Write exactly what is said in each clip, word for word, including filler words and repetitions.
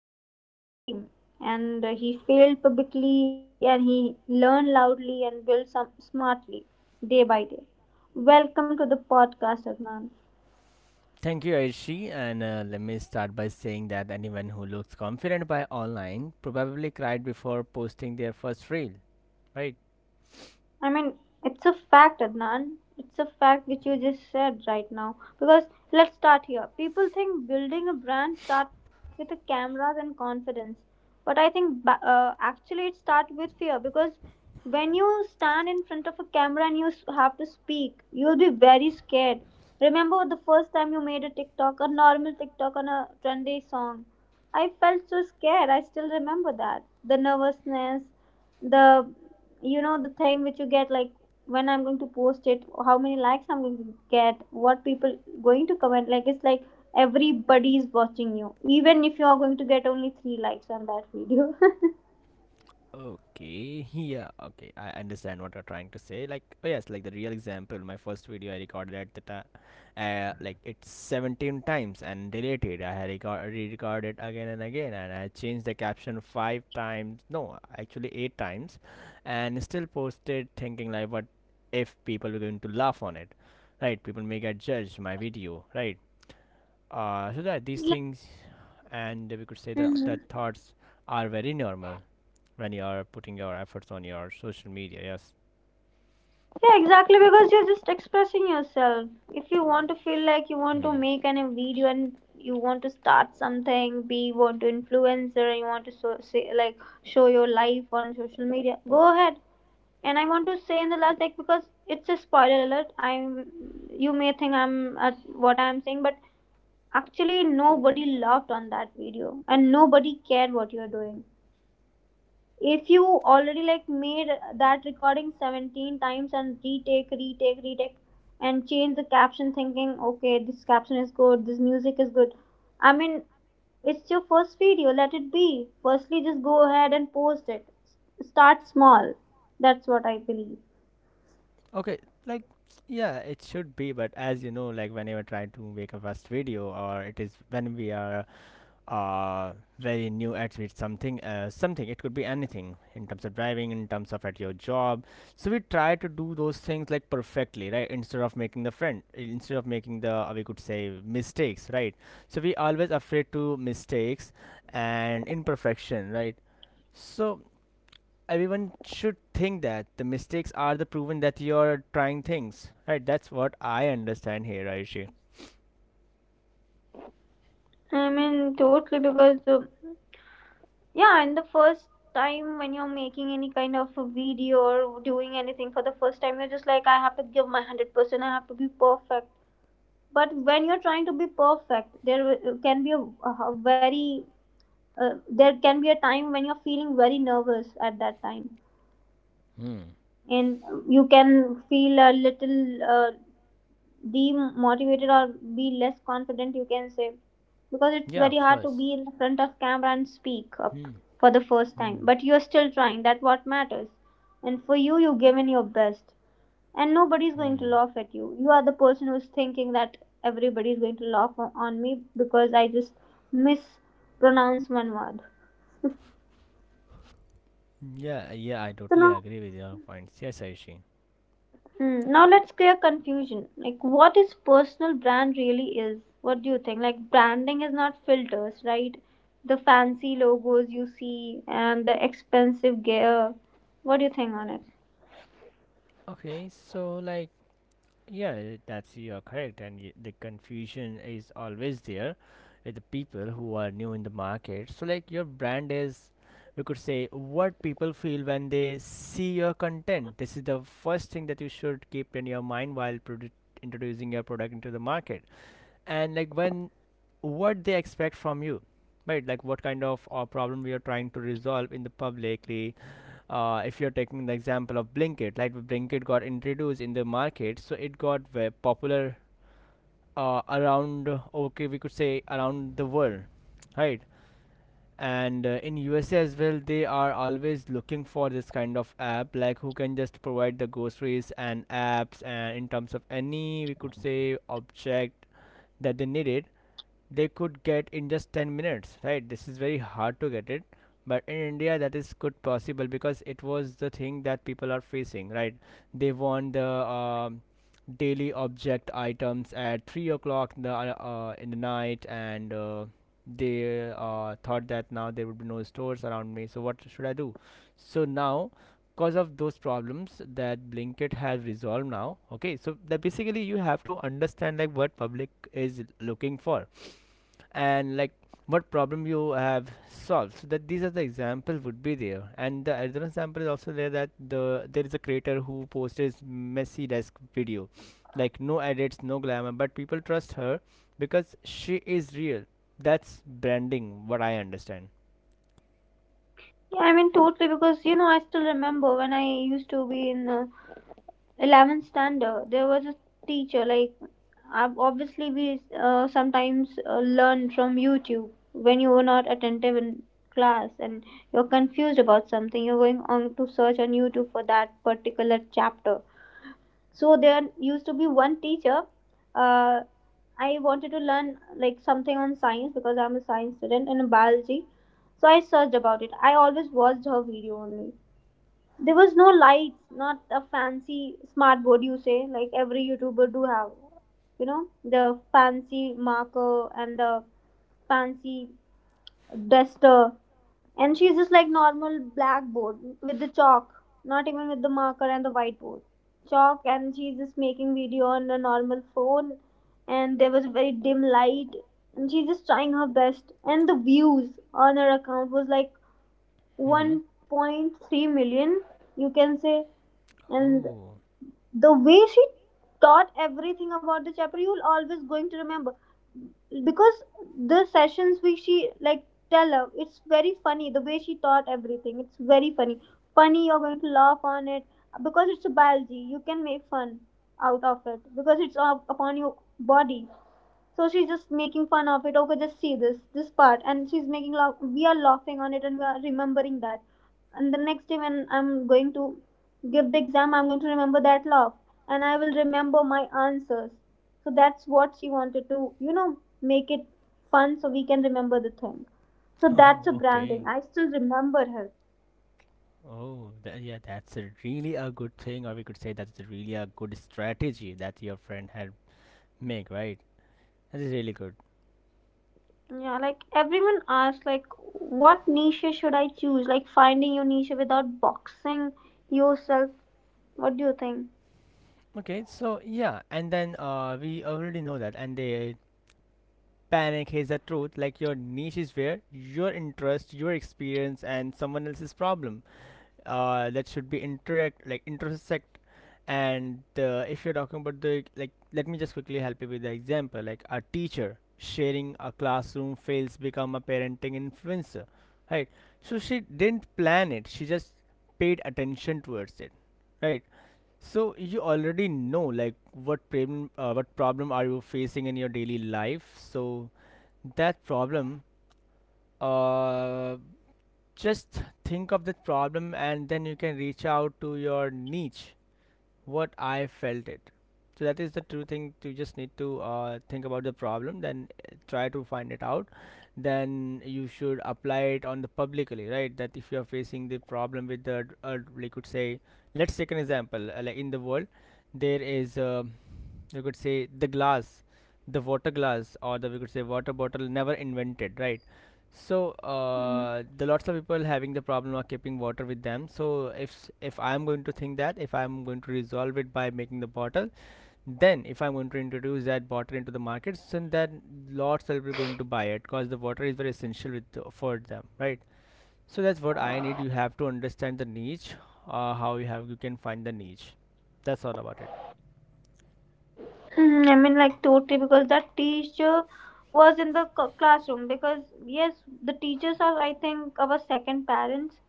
Who has been in the game and uh, he failed publicly and he learned loudly and built some smartly day by day. Welcome to the podcast, Adnan. is saying that anyone who looks confident by online probably cried before posting their first reel, right? I mean, it's a fact, Adnan. It's a fact which you just said right now. Because let's start here. People think building a brand start with the cameras and confidence, but I think ba- uh, actually it starts with fear. Because when you stand in front of a camera and you s- have to speak, you'll be very scared. Remember the first time you made a TikTok, a normal TikTok on a trendy song. I felt so scared. I still remember that. The nervousness, the you know the thing which you get, like, when I'm going to post it, how many likes I'm going to get, what people going to comment. Like, it's like everybody is watching you, even if you are going to get only three likes on that video. Okay, yeah, okay, I understand what you're trying to say. Like, oh yes, like the real example, my first video I recorded at the time, uh, like it's seventeen times and deleted. I had reco- re-recorded again and again, and I changed the caption five times. No, actually eight times, and still posted, thinking like, what if people are going to laugh on it? Right, people may get judged my video, right? uh, so that these Yeah. things and we could say that that Mhm. thoughts are very normal when you are putting your efforts on your social media. Yes. Yeah, exactly, because you're just expressing yourself. If you want to feel like you want to Hmm. make an, a video and you want to start something, be want to influencer and you want to so, say, like, show your life on social media, go ahead. And I want to say in the last, like, because it's a spoiler alert. I am, you may think I'm at what I'm saying, but actually nobody laughed on that video and nobody cared what you're doing. If you already like made that recording seventeen times and retake, retake, retake, and change the caption, thinking, okay, this caption is good, this music is good. I mean, it's your first video, let it be, firstly just go ahead and post it. S- start small, that's what I believe. Okay, like yeah it should be, but as you know, like when you are trying to make a first video, or it is when we are uh very new attribute something, uh, something, it could be anything in terms of driving, in terms of at your job, so we try to do those things like perfectly, right, instead of making the friend, instead of making the, uh, we could say, mistakes, right? So we always afraid to mistakes and imperfection, right? So everyone should think that the mistakes are the proven that you're trying things, right? That's what I understand here, Aishi. I mean, totally, because, uh, yeah, in the first time when you're making any kind of a video or doing anything for the first time, you're just like, I have to give my one hundred percent, I have to be perfect. But when you're trying to be perfect, there uh, can be a, a very, uh, there can be a time when you're feeling very nervous at that time. Hmm. And you can feel a little uh, demotivated or be less confident, you can say, because it's Yeah, very of hard to course. be in front of camera and speak up Hmm. for the first time. But you're still trying, that's what matters. And for you, you've given your best and nobody's going to Hmm. laugh at you. You are the person who's thinking that everybody's going to laugh o- on me because I just mispronounce one word. Yeah, yeah, I So totally now. agree with your points. Yes, Aishi. Hmm. Now let's clear confusion. Like, what is personal brand really is? What do you think? Like, branding is not filters, right? The fancy logos you see and the expensive gear. What do you think on it? Okay, so like, yeah, that's you're correct, and y- the confusion is always there with the people who are new in the market. So like, your brand is, we could say, what people feel when they see your content. This is the first thing that you should keep in your mind while produ- introducing your product into the market, and like when, what they expect from you, right? Like what kind of uh, problem we are trying to resolve in the publicly. Uh, if you're taking the example of Blinkit, like Blinkit got introduced in the market, so it got very popular uh, around, uh, okay, we could say around the world, right? And uh, in U S A as well, they are always looking for this kind of app, like who can just provide the groceries and apps, and in terms of any, we could say, object that they needed, they could get in just ten minutes, right? This is very hard to get it, but in India that is good possible because it was the thing that people are facing, right? They want the um, daily object items at three o'clock in the, uh, uh, in the night, and uh, they uh, thought that now there would be no stores around me, so what should I do? So now, because of those problems that Blinkit has resolved now. Okay, so that basically you have to understand like what public is looking for, and like what problem you have solved, so that these are the example would be there. And the other example is also there, that the there is a creator who posted messy desk video, like no edits, no glamour, but people trust her because she is real. That's branding, what I understand. Yeah, I mean, totally, because you know I still remember when I used to be in uh, eleventh standard. There was a teacher, like, ob- obviously we uh, sometimes uh, learn from YouTube when you were not attentive in class and you're confused about something, you're going on to search on YouTube for that particular chapter. So there used to be one teacher, uh, I wanted to learn, like, something on science because I'm a science student and biology. So I searched about it, I always watched her video only. There was no lights, not a fancy smart board, you say, like every YouTuber do have. You know, the fancy marker and the fancy duster. And she's just like normal blackboard with the chalk, not even with the marker and the whiteboard. Chalk, and she's just making video on a normal phone and there was very dim light and she's just trying her best. And the views on her account was like Mm-hmm. one point three million, you can say. And Oh. the way she taught everything about the chapter, you'll always going to remember, because the sessions which she like tell her, it's very funny the way she taught everything. It's very funny funny, you're going to laugh on it, because it's a biology, you can make fun out of it because it's up upon your body. So she's just making fun of it. Okay, just see this this part, and she's making laugh. We are laughing on it, and we are remembering that. And the next day when I'm going to give the exam, I'm going to remember that laugh, and I will remember my answers. So that's what she wanted to, you know, make it fun so we can remember the thing. So that's a Oh, branding. okay. I still remember her. Oh, tha- yeah, that's a really a good thing, or we could say that's a really a good strategy that your friend had make, right? That is really good. Yeah, like, everyone asks, like, what niche should I choose? Like, finding your niche without boxing yourself. What do you think? Okay, so yeah, and then uh, we already know that, and the panic is the truth. Like your niche is where your interest, your experience, and someone else's problem, uh, that should be interact, like intersect. And uh, if you're talking about the like, let me just quickly help you with the example. Like a teacher sharing a classroom fails become a parenting influencer, right? So she didn't plan it. She just paid attention towards it, right? So you already know like what problem, uh, what problem are you facing in your daily life. So that problem, uh just think of that problem, and then you can reach out to your niche, what I felt it. So that is the true thing. You just need to uh, think about the problem, then uh, try to find it out. Then you should apply it on the publicly, right? That if you are facing the problem with the, uh, we could say, let's take an example. Uh, like in the world, there is, uh, you could say, the glass, the water glass, or the, we could say, water bottle, never invented, right? So Mm. uh, the lots of people having the problem of keeping water with them. So if if I'm going to think that if I'm going to resolve it by making the bottle, then if I'm going to introduce that bottle into the market, so then that lots of people are going to buy it because the water is very essential with the, for them, right? So that's what I need. You have to understand the niche, uh, how you have you can find the niche. That's all about it. Mm, I mean, like, totally, because that teacher was in the c- classroom. Because yes, the teachers are, I think, our second parents.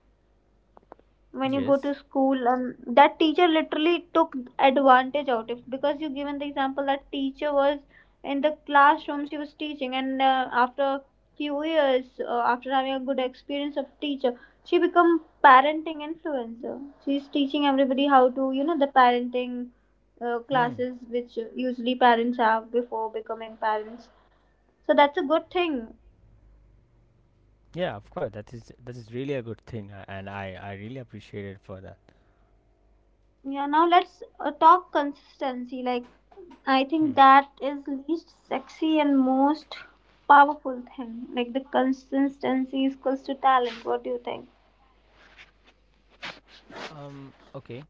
When you go Yes. to school and that teacher literally took advantage out of, because you given the example, that teacher was in the classroom, she was teaching, and uh, after a few years uh, after having a good experience of teacher, she become parenting influencer. She's teaching everybody how to, you know, the parenting uh, Hmm. classes which usually parents have before becoming parents. So that's a good thing. Yeah, of course. That is that is really a good thing, uh, and I I really appreciate it for that. Yeah, now let's uh, talk consistency. Like, I think Hmm. that is least sexy and most powerful thing. Like, the consistency is equals to talent. What do you think? Um. Okay.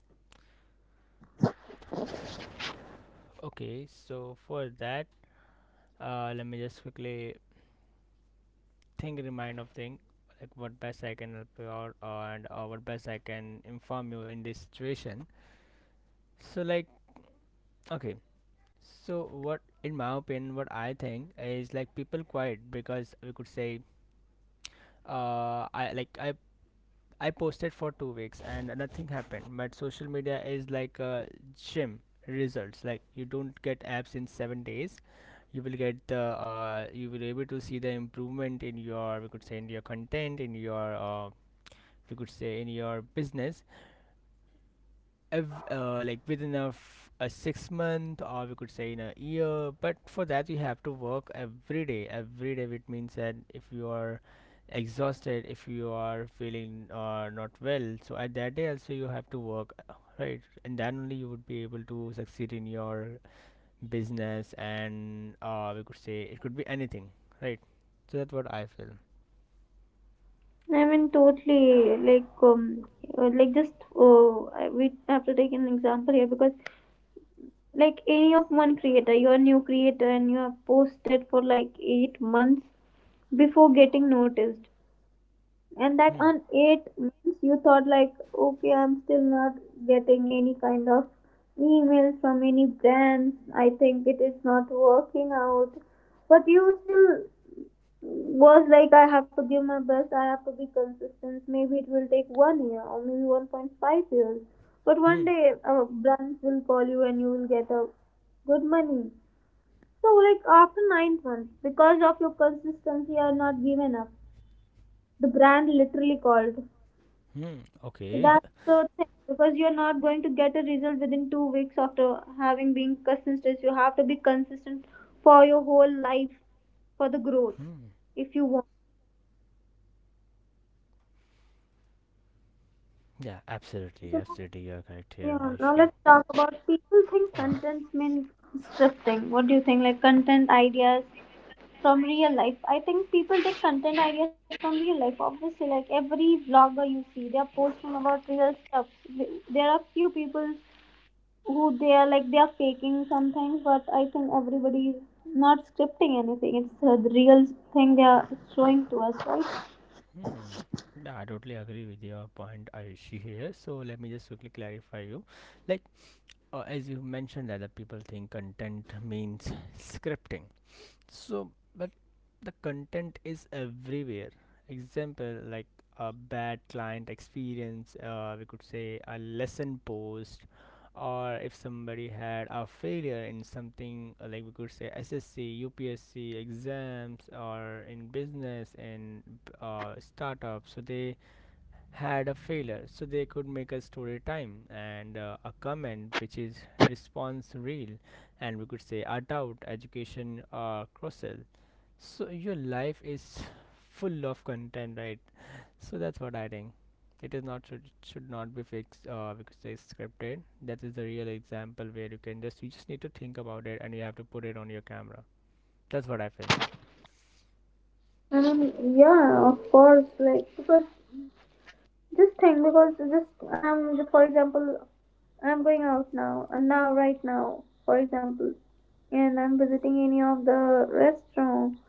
Okay. So for that, uh, let me just quickly think, remind of thing, like what best I can help you out, uh, and uh, what best I can inform you in this situation. So like, okay. So what, in my opinion, what I think is like people quiet because we could say, uh, I like I I posted for two weeks and nothing happened. But social media is like a gym results. Like you don't get apps in seven days. You will get the, uh, you will able to see the improvement in your, we could say, in your content, in your, uh, we could say in your business, ev- uh, like within a, f- a six month, or we could say in a year. But for that, you have to work every day, every day. It means that if you are exhausted, if you are feeling, uh, not well, so at that day also you have to work, uh, right, and then only you would be able to succeed in your business, and, uh, we could say, it could be anything, right? So that's what I feel. I mean, totally. Like, um, uh, like just oh, I- we have to take an example here because, like, any of one creator, you're a new creator and you have posted for like eight months before getting noticed. And that on Hmm. eight months, you thought like, okay, I'm still not getting any kind of emails from any brands. I think it is not working out. But you still was like, I have to give my best. I have to be consistent. Maybe it will take one year or maybe one point five years. But Hmm. one day, uh, brands will call you and you will get a good money. So like after ninth month, because of your consistency, you are not given up, the brand literally called. Hmm. So Okay. that's the thing, because you're not going to get a result within two weeks after having been consistent. You have to be consistent for your whole life for the growth Hmm. if you want. Yeah, absolutely, So now, absolutely, you are correct here. yeah, I. now let's talk about, people think Uh-huh. content means scripting. What do you think? Like, content ideas from real life. I think people take content ideas from real life. Obviously, like every vlogger you see, they are posting about real stuff. There are few people who they are like they are faking sometimes, but I think everybody is not scripting anything. It's the real thing they are showing to us, right? Hmm. Yeah, I totally agree with your point, Ayushi here. So let me just quickly clarify you. Like uh, as you mentioned that the people think content means scripting, so, but the content is everywhere. Example like a bad client experience, uh, we could say a lesson post, or if somebody had a failure in something, uh, like we could say S S C, U P S C exams, or in business and, uh, startup. So they had a failure, so they could make a story time and, uh, a comment which is response real, and we could say a doubt education, uh, cross sell. So your life is full of content, right? So that's what I think. It is not should should not be fixed, uh, because it's scripted. That is the real example where you can just you just need to think about it, and you have to put it on your camera. That's what I feel. I mean, yeah, of course. Like, because just think, because just um just for example, I'm going out now and now right now for example, and I'm visiting any of the restaurant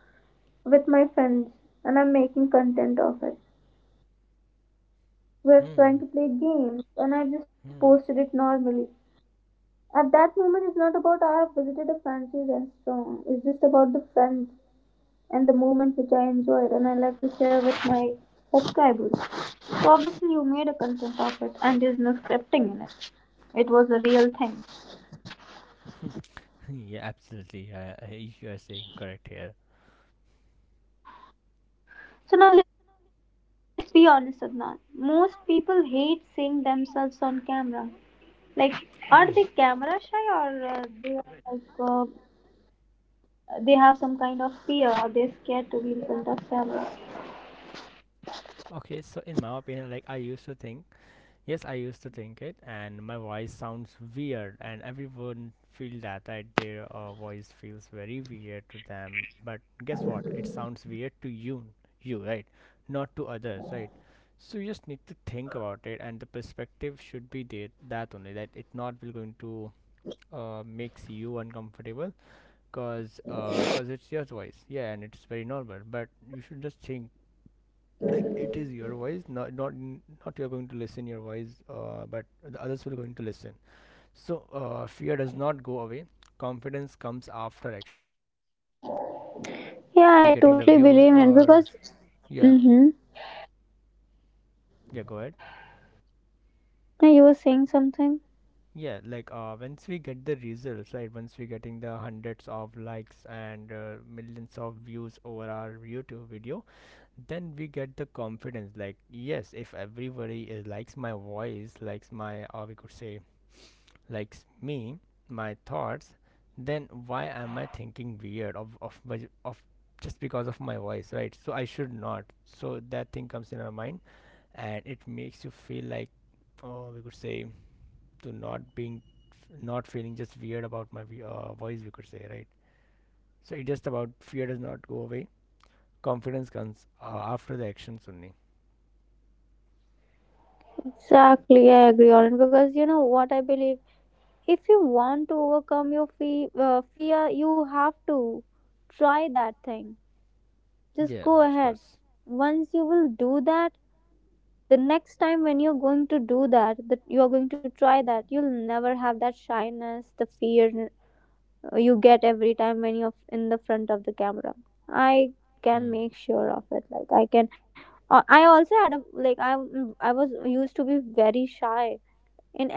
with my friends and I'm making content of it. We're trying Hmm. to play games and I just Hmm. posted it normally. At that moment, it's not about I have visited a fancy restaurant. It's just about the friends and the moment which I enjoyed and I like to share with my subscribers. So obviously, you made a content of it and there's no scripting in it. It was a real thing. Yeah, absolutely. Uh, uh, you are saying correct here. So now let's be honest, Adnan. Most people hate seeing themselves on camera. Like, are they camera shy Okay. or uh, they are like uh, they have some kind of fear or they're scared to be in front of camera? Okay. So in my opinion, like I used to think. Yes, I used to think it, and my voice sounds weird, and everyone feel that that their uh, voice feels very weird to them. But guess what? It sounds weird to you, you right, not to others, right? So you just need to think about it, and the perspective should be there. That only that it not will going to uh, makes you uncomfortable, cause uh, cause it's your voice, yeah, and it's very normal. But you should just think like it is your voice, not not not you're going to listen your voice, uh, but the others will going to listen. So uh, fear does not go away, confidence comes after action, right? Yeah, Once we're I getting the totally views believe in it or, because, yeah, mm-hmm. yeah, go ahead. Yeah, you were saying something. Yeah, like uh once we get the results, right? Once we're getting the hundreds of likes and, uh, millions of views over our YouTube video, then we get the confidence, like yes, if everybody is, likes my voice, likes my, or we could say, likes me, my thoughts, then why am I thinking weird of of my- of just because of my voice, right? So I should not. So that thing comes in our mind, and it makes you feel like, oh, we could say, to not being, not feeling just weird about my, we- uh, voice, we could say, right? So it just about, fear does not go away. Confidence comes uh, after the actions only. Exactly, I agree on it, because you know what I believe. If you want to overcome your fe- uh, fear, you have to try that thing. Just Yeah, go of ahead. course. Once you will do that, the next time when you're going to do that, that you are going to try that, you'll never have that shyness, the fear, Uh, you get every time when you're in the front of the camera. I can Hmm. make sure of it. Like, I can. Uh, I also had a like I mm, I was used to be very shy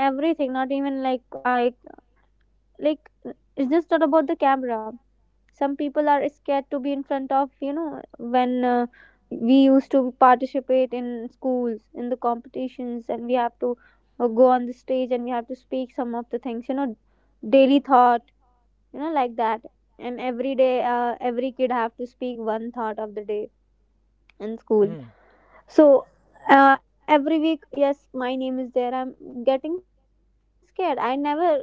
in everything. Not even like I, like it's just not about the camera. Some people are scared to be in front of you, know when. Uh, we used to participate in schools in the competitions, and we have to uh, go on the stage and we have to speak some of the things, you know daily thought, you know like that. And every day, uh, every kid have to speak one thought of the day in school. Hmm. So uh, every week, yes, my name is there, I'm getting scared, I never like took it. I'm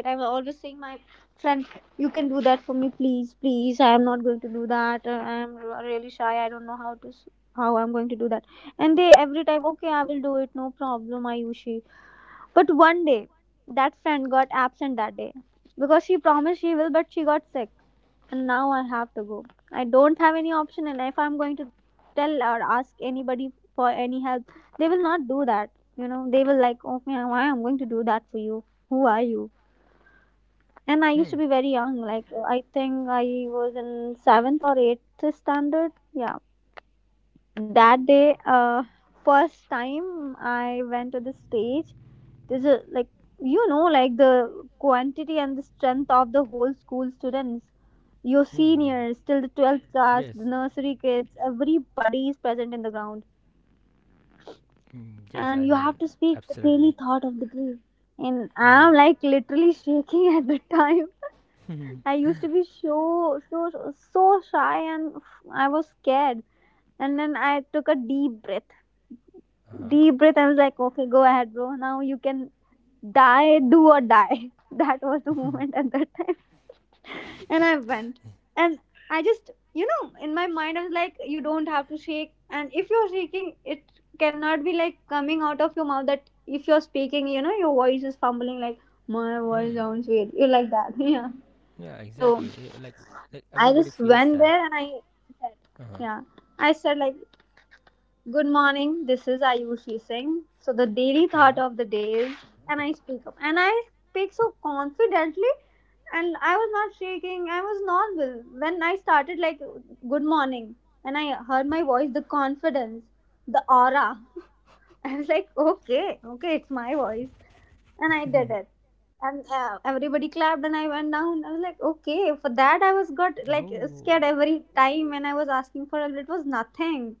always saying my friend, you can do that for me, please, please, I'm not going to do that, uh, I'm really shy, I don't know how to s- how I'm. And they every time, okay, I will do it, no problem, Ayushi. But one day that friend got absent that day because she promised she will, but she got sick, and now I have to go. I don't have any option, and if I'm going to tell or ask anybody for any help, they will not do that. You know, they will like, okay, why I'm going to do that for you? Who are you? And I used to Hmm. be very young. Like I think I was in seventh or eighth standard. Yeah, that day, uh, first time I went to the stage, there's a, like, you know like, the quantity and the strength of the whole school students. Your Hmm. seniors till the twelfth class, Yes. the nursery kids, everybody is present in the ground, Mm, yes, and I you have mean, to speak the daily absolutely. thought of the day. And Hmm. I'm like literally shaking at the time. Mhm. I used to be so so so shy, and I was scared. And then I took a deep breath, Uh-huh. deep breath. I was like, okay, go ahead, bro. Now you can die, do or die. That was the moment at that time. And I went. And I just, you know, in my mind, I was like, you don't have to shake. And if you're shaking, it cannot be like coming out of your mouth, that if you're speaking, you know, your voice is fumbling, like, my voice Hmm. sounds weird. You like that. Yeah. Yeah, So exactly. Eh, Like like I everybody just feels went that. there and I said, Uh-huh. yeah. I said, like, good morning. This is Ayushi Singh. So the daily thought Uh-huh. of the day is, and I speak up, and I speak so confidently, and I was not shaking. I was normal when I started, like, good morning. And I heard my voice, the confidence, the aura. I was like, okay, okay, it's my voice, and I did it. And uh, everybody clapped, and I went down. I was like, okay, for that I was got like scared Oh, every time when I was asking for help. It was nothing.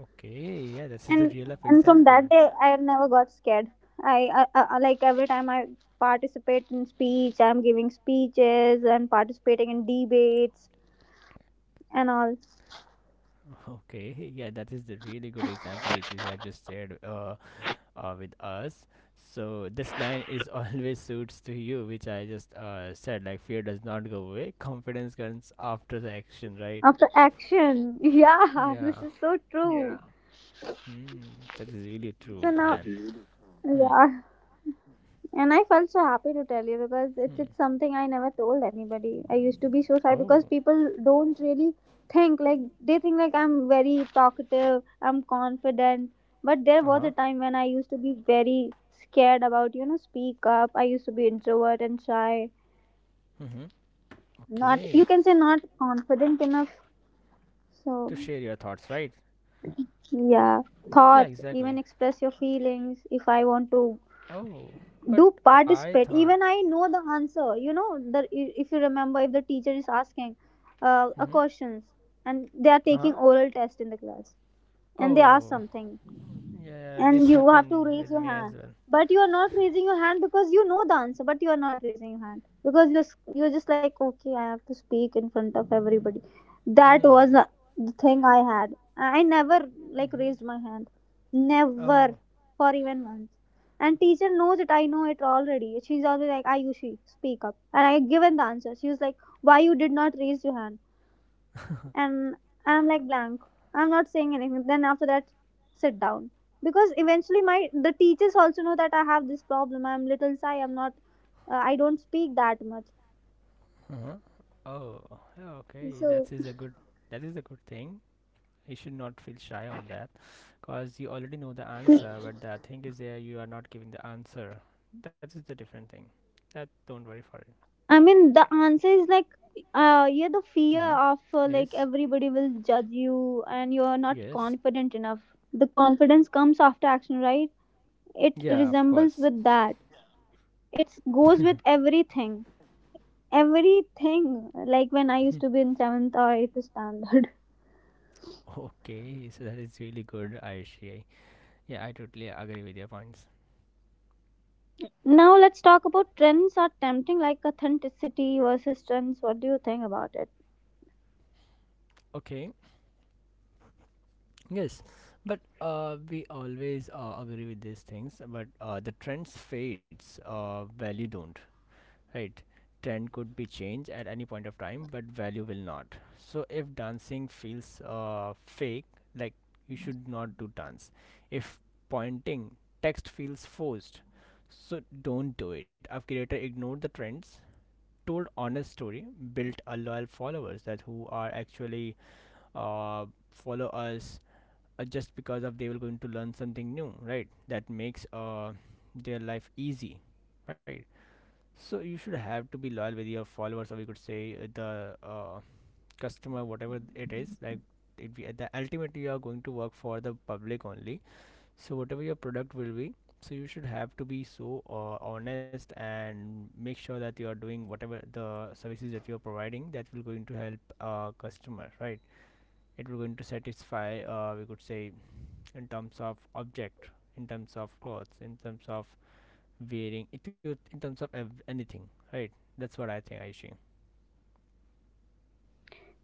okay. Yeah, that is the and real life and from example. that day I never got scared. I, I, I like every time I participate in speech, I'm giving speeches and participating in debates and all Okay. Yeah, that is the really good example which you have just shared uh, uh with us. So this line is always suits to you, which I just uh said, like, fear does not go away, confidence comes after the action, right? after action. Yeah, this Yeah. is so true. Hmm. That is really So true, now, man. Hmm. yeah. And I felt so happy to tell you because it's, Hmm. it's something I never told anybody. I used to be so shy because Oh. people don't really think, like, they think like I'm very talkative, I'm confident. But there Uh was a huh. time when I used to be very scared about, you know, speak up. I used to be introvert and shy. Mm-hmm. Not, Okay. you can s- say, not confident enough. To So share your thoughts, right? yeah. Yeah, Thoughts, even exactly. express your feelings. If I want to Oh, do but I participate, thought. even I know the answer, you know the i- if you remember, if the teacher is asking uh, a Mm-hmm. questions, and they are taking Huh? oral test in the class, and they ask Oh, something, yeah. and This you have to happened raise with your me hand. as well. But you are not raising your hand because you know the answer, but you are not raising your hand because you're s- you're just like, okay, I have to speak in front of everybody. That Hmm. was the the thing I had. I never like Mm-hmm. raised my hand, never, Oh. for even once. And teacher knows it, I know it already. She's always like, Ayushi, speak up, and I given the answer. She was like, why you did not raise your hand? And I'm like blank. I'm not saying anything. Then after that, sit down because eventually my the teachers also know that I have this problem. I'm little shy. I'm not. Uh, I don't speak that much. Uh-huh. Oh. yeah, okay. So That is a good. That is a good thing. You should not feel shy on that, cause you already know the answer. But the thing is, there you are not giving the answer. That is the different thing. That don't worry for it. I mean the answer is like, uh yeah, the fear Mm-hmm. of, uh, like, Yes. everybody will judge you and you are not Yes. confident enough. The confidence comes after action, right? It Yeah, of resembles course. with that. It goes with everything, everything, like when I used to be in seventh or eighth standard. Okay, so that is really good, Ayushi. Yeah, I totally agree with your points. Now let's talk about trends are tempting, like authenticity versus trends. What do you think about it? Okay, yes, but uh, we always uh, agree with these things. But uh, the trends fades, uh, value don't, right? Trend could be changed at any point of time, but value will not. So if dancing feels uh, fake, like, you should not do dance. If pointing text feels forced, so don't do it. A creator ignored the trends, told honest story, built a loyal followers that who are actually uh, follow us, uh, just because of they were going to learn something new, right? That makes uh, their life easy, right? So you should have to be loyal with your followers, or we could say uh, the uh, customer, whatever it is, like, it be the ultimately you are going to work for the public only. So whatever your product will be, so you should have to be so uh, honest, and make sure that you are doing whatever the services that you are providing, that will going to help uh, customer, right? It will going to satisfy, uh, we could say, in terms of object, in terms of clothes, in terms of wearing, it will- in terms of ev- anything, right? That's what I think, aishi.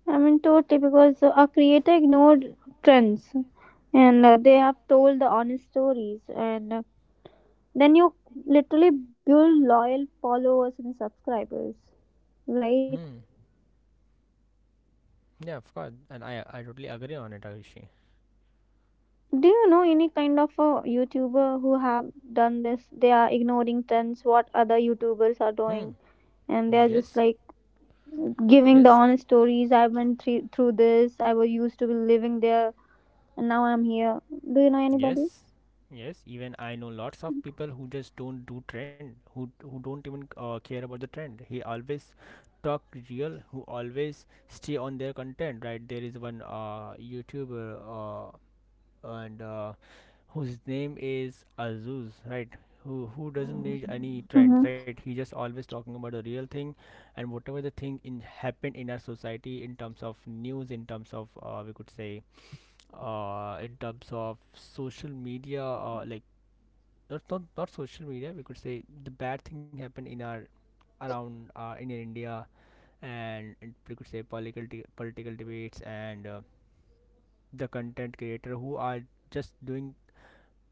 I mean, totally, because a creator ignored trends, and uh, they have told the honest stories, and uh, then you literally build loyal followers and subscribers, right? Hmm. Yeah, of course, and i i totally agree on it, aishi. Do you know any kind of a YouTuber who have done this? They are ignoring trends, what other YouTubers are Hmm. doing, and they are Yes. just like giving the Yes. honest stories. I went thre- through this. I was used to be living there, and now I'm here. Do you know anybody? Yes, yes. Even I know lots of people who just don't do trend, who who don't even uh, care about the trend. He always talk real, who always stay on their content. Right? There is one uh YouTuber, uh and uh, whose name is Azuz. Right? Who who doesn't need any trends. Mm-hmm. Right? He just always talking about the real thing, and whatever the thing in happen in our society, in terms of news, in terms of, uh, we could say, uh, in terms of social media, uh, like, not, not not social media, we could say, the bad thing happened in our around, uh, in India, and, and we could say, political de- political debates, and uh, the content creator who are just doing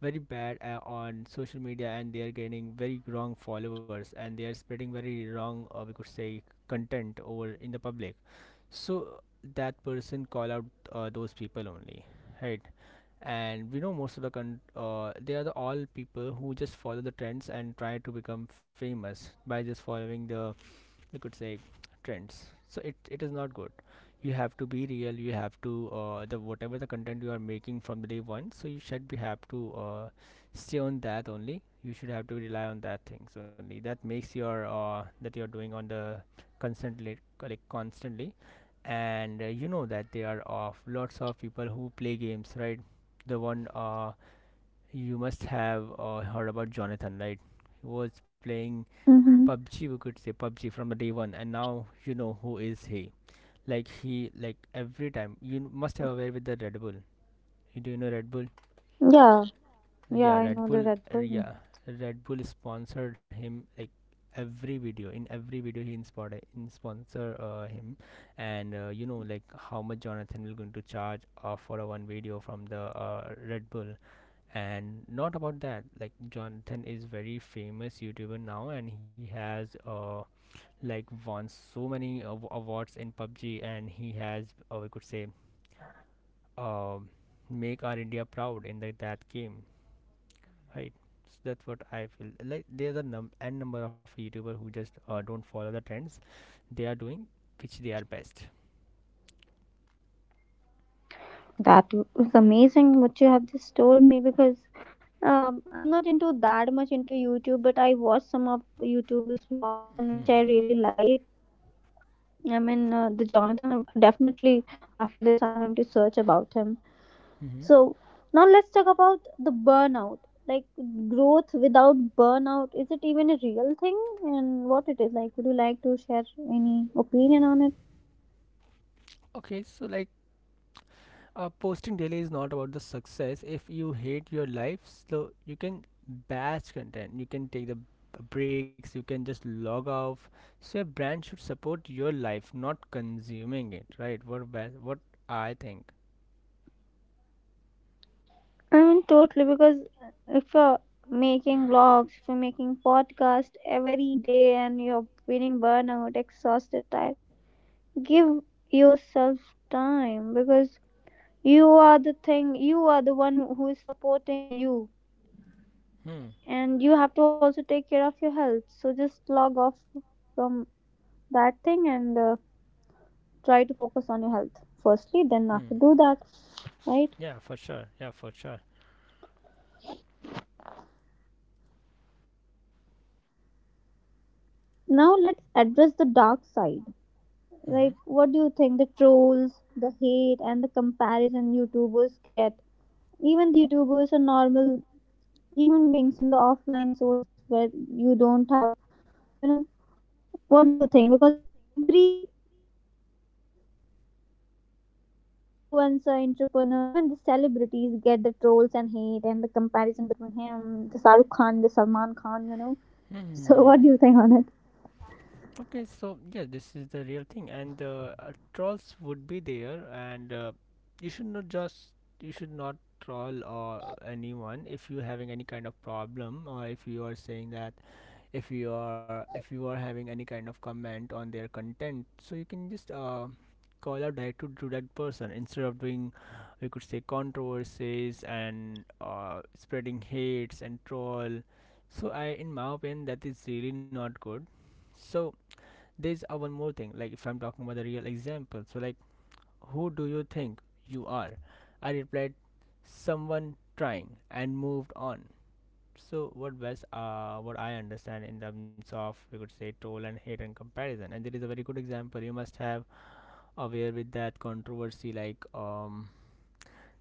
very bad uh, on social media, and they are gaining very wrong followers, and they are spreading very wrong, uh, we could say, content over in the public. So that person call out uh, those people only, right? And we know most of the con- uh, they are the all people who just follow the trends and try to become famous by just following the, we could say, trends. So it, it is not good. You have to be real. You have to, uh, the whatever the content you are making from the day one, so you should be have to uh, stay on that only. You should have to rely on that things only, that makes your uh, that you're doing on the constantly, like like, constantly. And uh, you know that there are of lots of people who play games, right? The one, uh, you must have uh, heard about Jonathan, right? He was playing Mm-hmm. PUBG, we could say, PUBG from the day one, and now you know who is he. Like, he, like, every time you must have aware with the Red Bull. You do you know Red Bull? Yeah, yeah, Yeah, I Red know the Bull. Red uh, Bull. Yeah, Red Bull sponsored him like every video. In every video, he inspired in sponsor uh, him, and uh, you know like how much Jonathan will going to charge uh, for a one video from the uh, Red Bull. And not about that, like Jonathan is very famous YouTuber now, and he has uh like won so many av- awards in PUBG, and he has, or we could say, um make our India proud in the, that game, right? So that's what I feel. Like there's a num n number of YouTubers who just uh, don't follow the trends they are doing, which they are best. That was amazing what you have just told me because um, I'm not into that much into YouTube, but I watch some of YouTuber's vlog, and which I really like. I mean, uh, the Jonathan. uh, Definitely, after this, I'm going to search about him. Mm-hmm. So now let's talk about the burnout. Like growth without burnout, is it even a real thing? And what it is like? Would you like to share any opinion on it? Okay, so like, Uh, posting daily is not about the success. If you hate your life, so you can batch content. You can take the b- breaks. You can just log off. So your brand should support your life, not consuming it. Right? What ba- what I think. I mean, totally. Because if you're making vlogs, if you're making podcast every day, and you're feeling burnout, exhausted, tired, give yourself time because you are the thing. You are the one who who is supporting you, Hmm. and you have to also take care of your health. So just log off from that thing, and uh, try to focus on your health firstly, then Hmm. after do that. Right Yeah, for sure. Yeah, for sure. now let's address the dark side, Hmm. like, what do you think, the trolls, the hate, and the comparison YouTubers get? Even the YouTubers are normal human beings in the offline source, where you don't have, you know what do you think? Because every influencer, entrepreneur, even the celebrities get the trolls and hate and the comparison between him, the Shahrukh Khan, the Salman Khan, you know. So, what do you think on it? Hmm. Okay, so yeah, this is the real thing, and uh, uh, trolls would be there, and uh, you should not just you should not troll or anyone if you're having any kind of problem, or if you are saying that, if you are if you are having any kind of comment on their content. So you can just uh, call out direct to, to that person, instead of doing, you could say, controversies, and uh, spreading hates and troll. So I, in my opinion, that is really not good. So there's uh, one more thing, like if I'm talking about the real example, so like, who do you think you are, I replied someone trying and moved on. So what was, uh what I understand, in terms of, we could say, troll and hate and comparison. And there is a very good example, you must have aware with that controversy, like um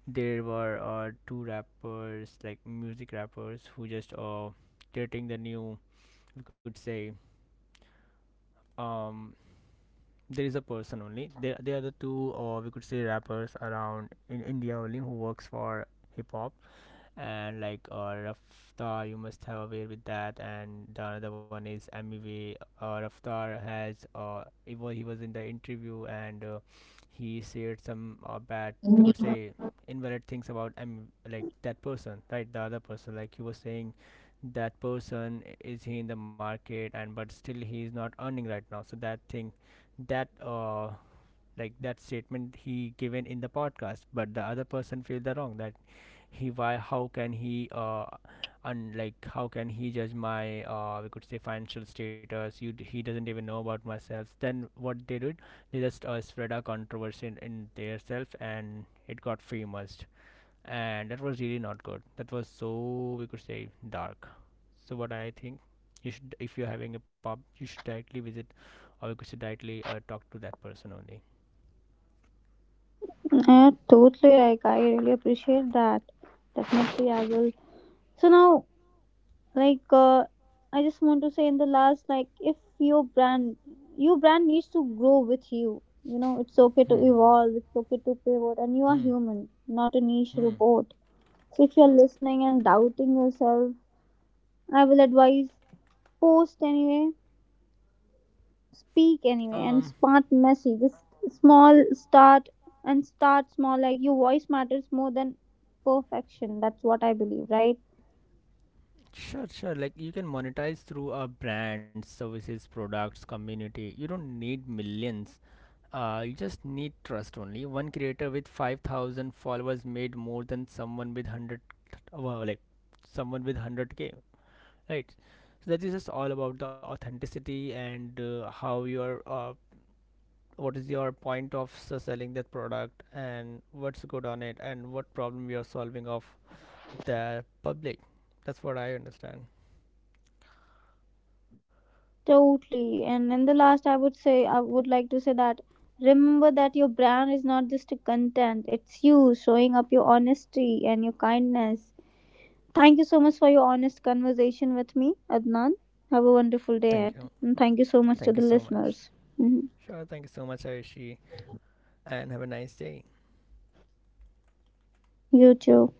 there were uh, two rappers, like music rappers, who just uh dating the new, we could say, um there is a person only, there, there are the two, or we could say, rappers around in India only, who works for hip hop, and like, uh, Raftar, you must have aware with that, and the another one is Mev, uh, Raftar has, uh he was, he was in the interview, and uh, he said some uh, bad, we could say, invalid things about, I'm like, that person, right, the other person, like he was saying that person is he in the market, and but still he is not earning right now. So that thing that uh like that statement he given in the podcast, but the other person feel the wrong that, he why how can he uh and like how can he judge my uh we could say financial status. You d- he doesn't even know about myself. Then what they did, they just uh, spread a controversy in, in, their self, and it got famous, and that was really not good, that was so, we could say, dark. So what I think, you should, if you're having a pub, you should directly visit, or you could say directly, uh, talk to that person only. Yeah, totally. Like I really appreciate that. Definitely, I will. So now, like, uh, I just want to say in the last, like, if your brand, your brand needs to grow with you. You know, it's okay to evolve. It's okay to pivot, and you are Hmm. human, not a niche Hmm. robot. So if you're listening and doubting yourself, I will advise post anyway, speak anyway, um and smart messy this small start and start small, like your voice matters more than perfection. That's what I believe, right? sure, sure, like you can monetize through a brand, services, products, community. You don't need millions. Uh, you just need trust only. One creator with five thousand followers made more than someone with one hundred. Well, like someone with one hundred k, right? So that is just all about the authenticity, and uh, how your, uh, what is your point of s- selling that product, and what's good on it, and what problem you're solving of the public. That's what I understand. Totally. And in the last, I would say, I would like to say that remember that your brand is not just a content. It's you showing up your honesty and your kindness. Thank you so much for your honest conversation with me, Adnan. Have a wonderful day Thank you, ahead, and thank you so thank much you to the so much. listeners. Mhm. Sure. Thank you so much, ayeshi, and have a nice day. You too.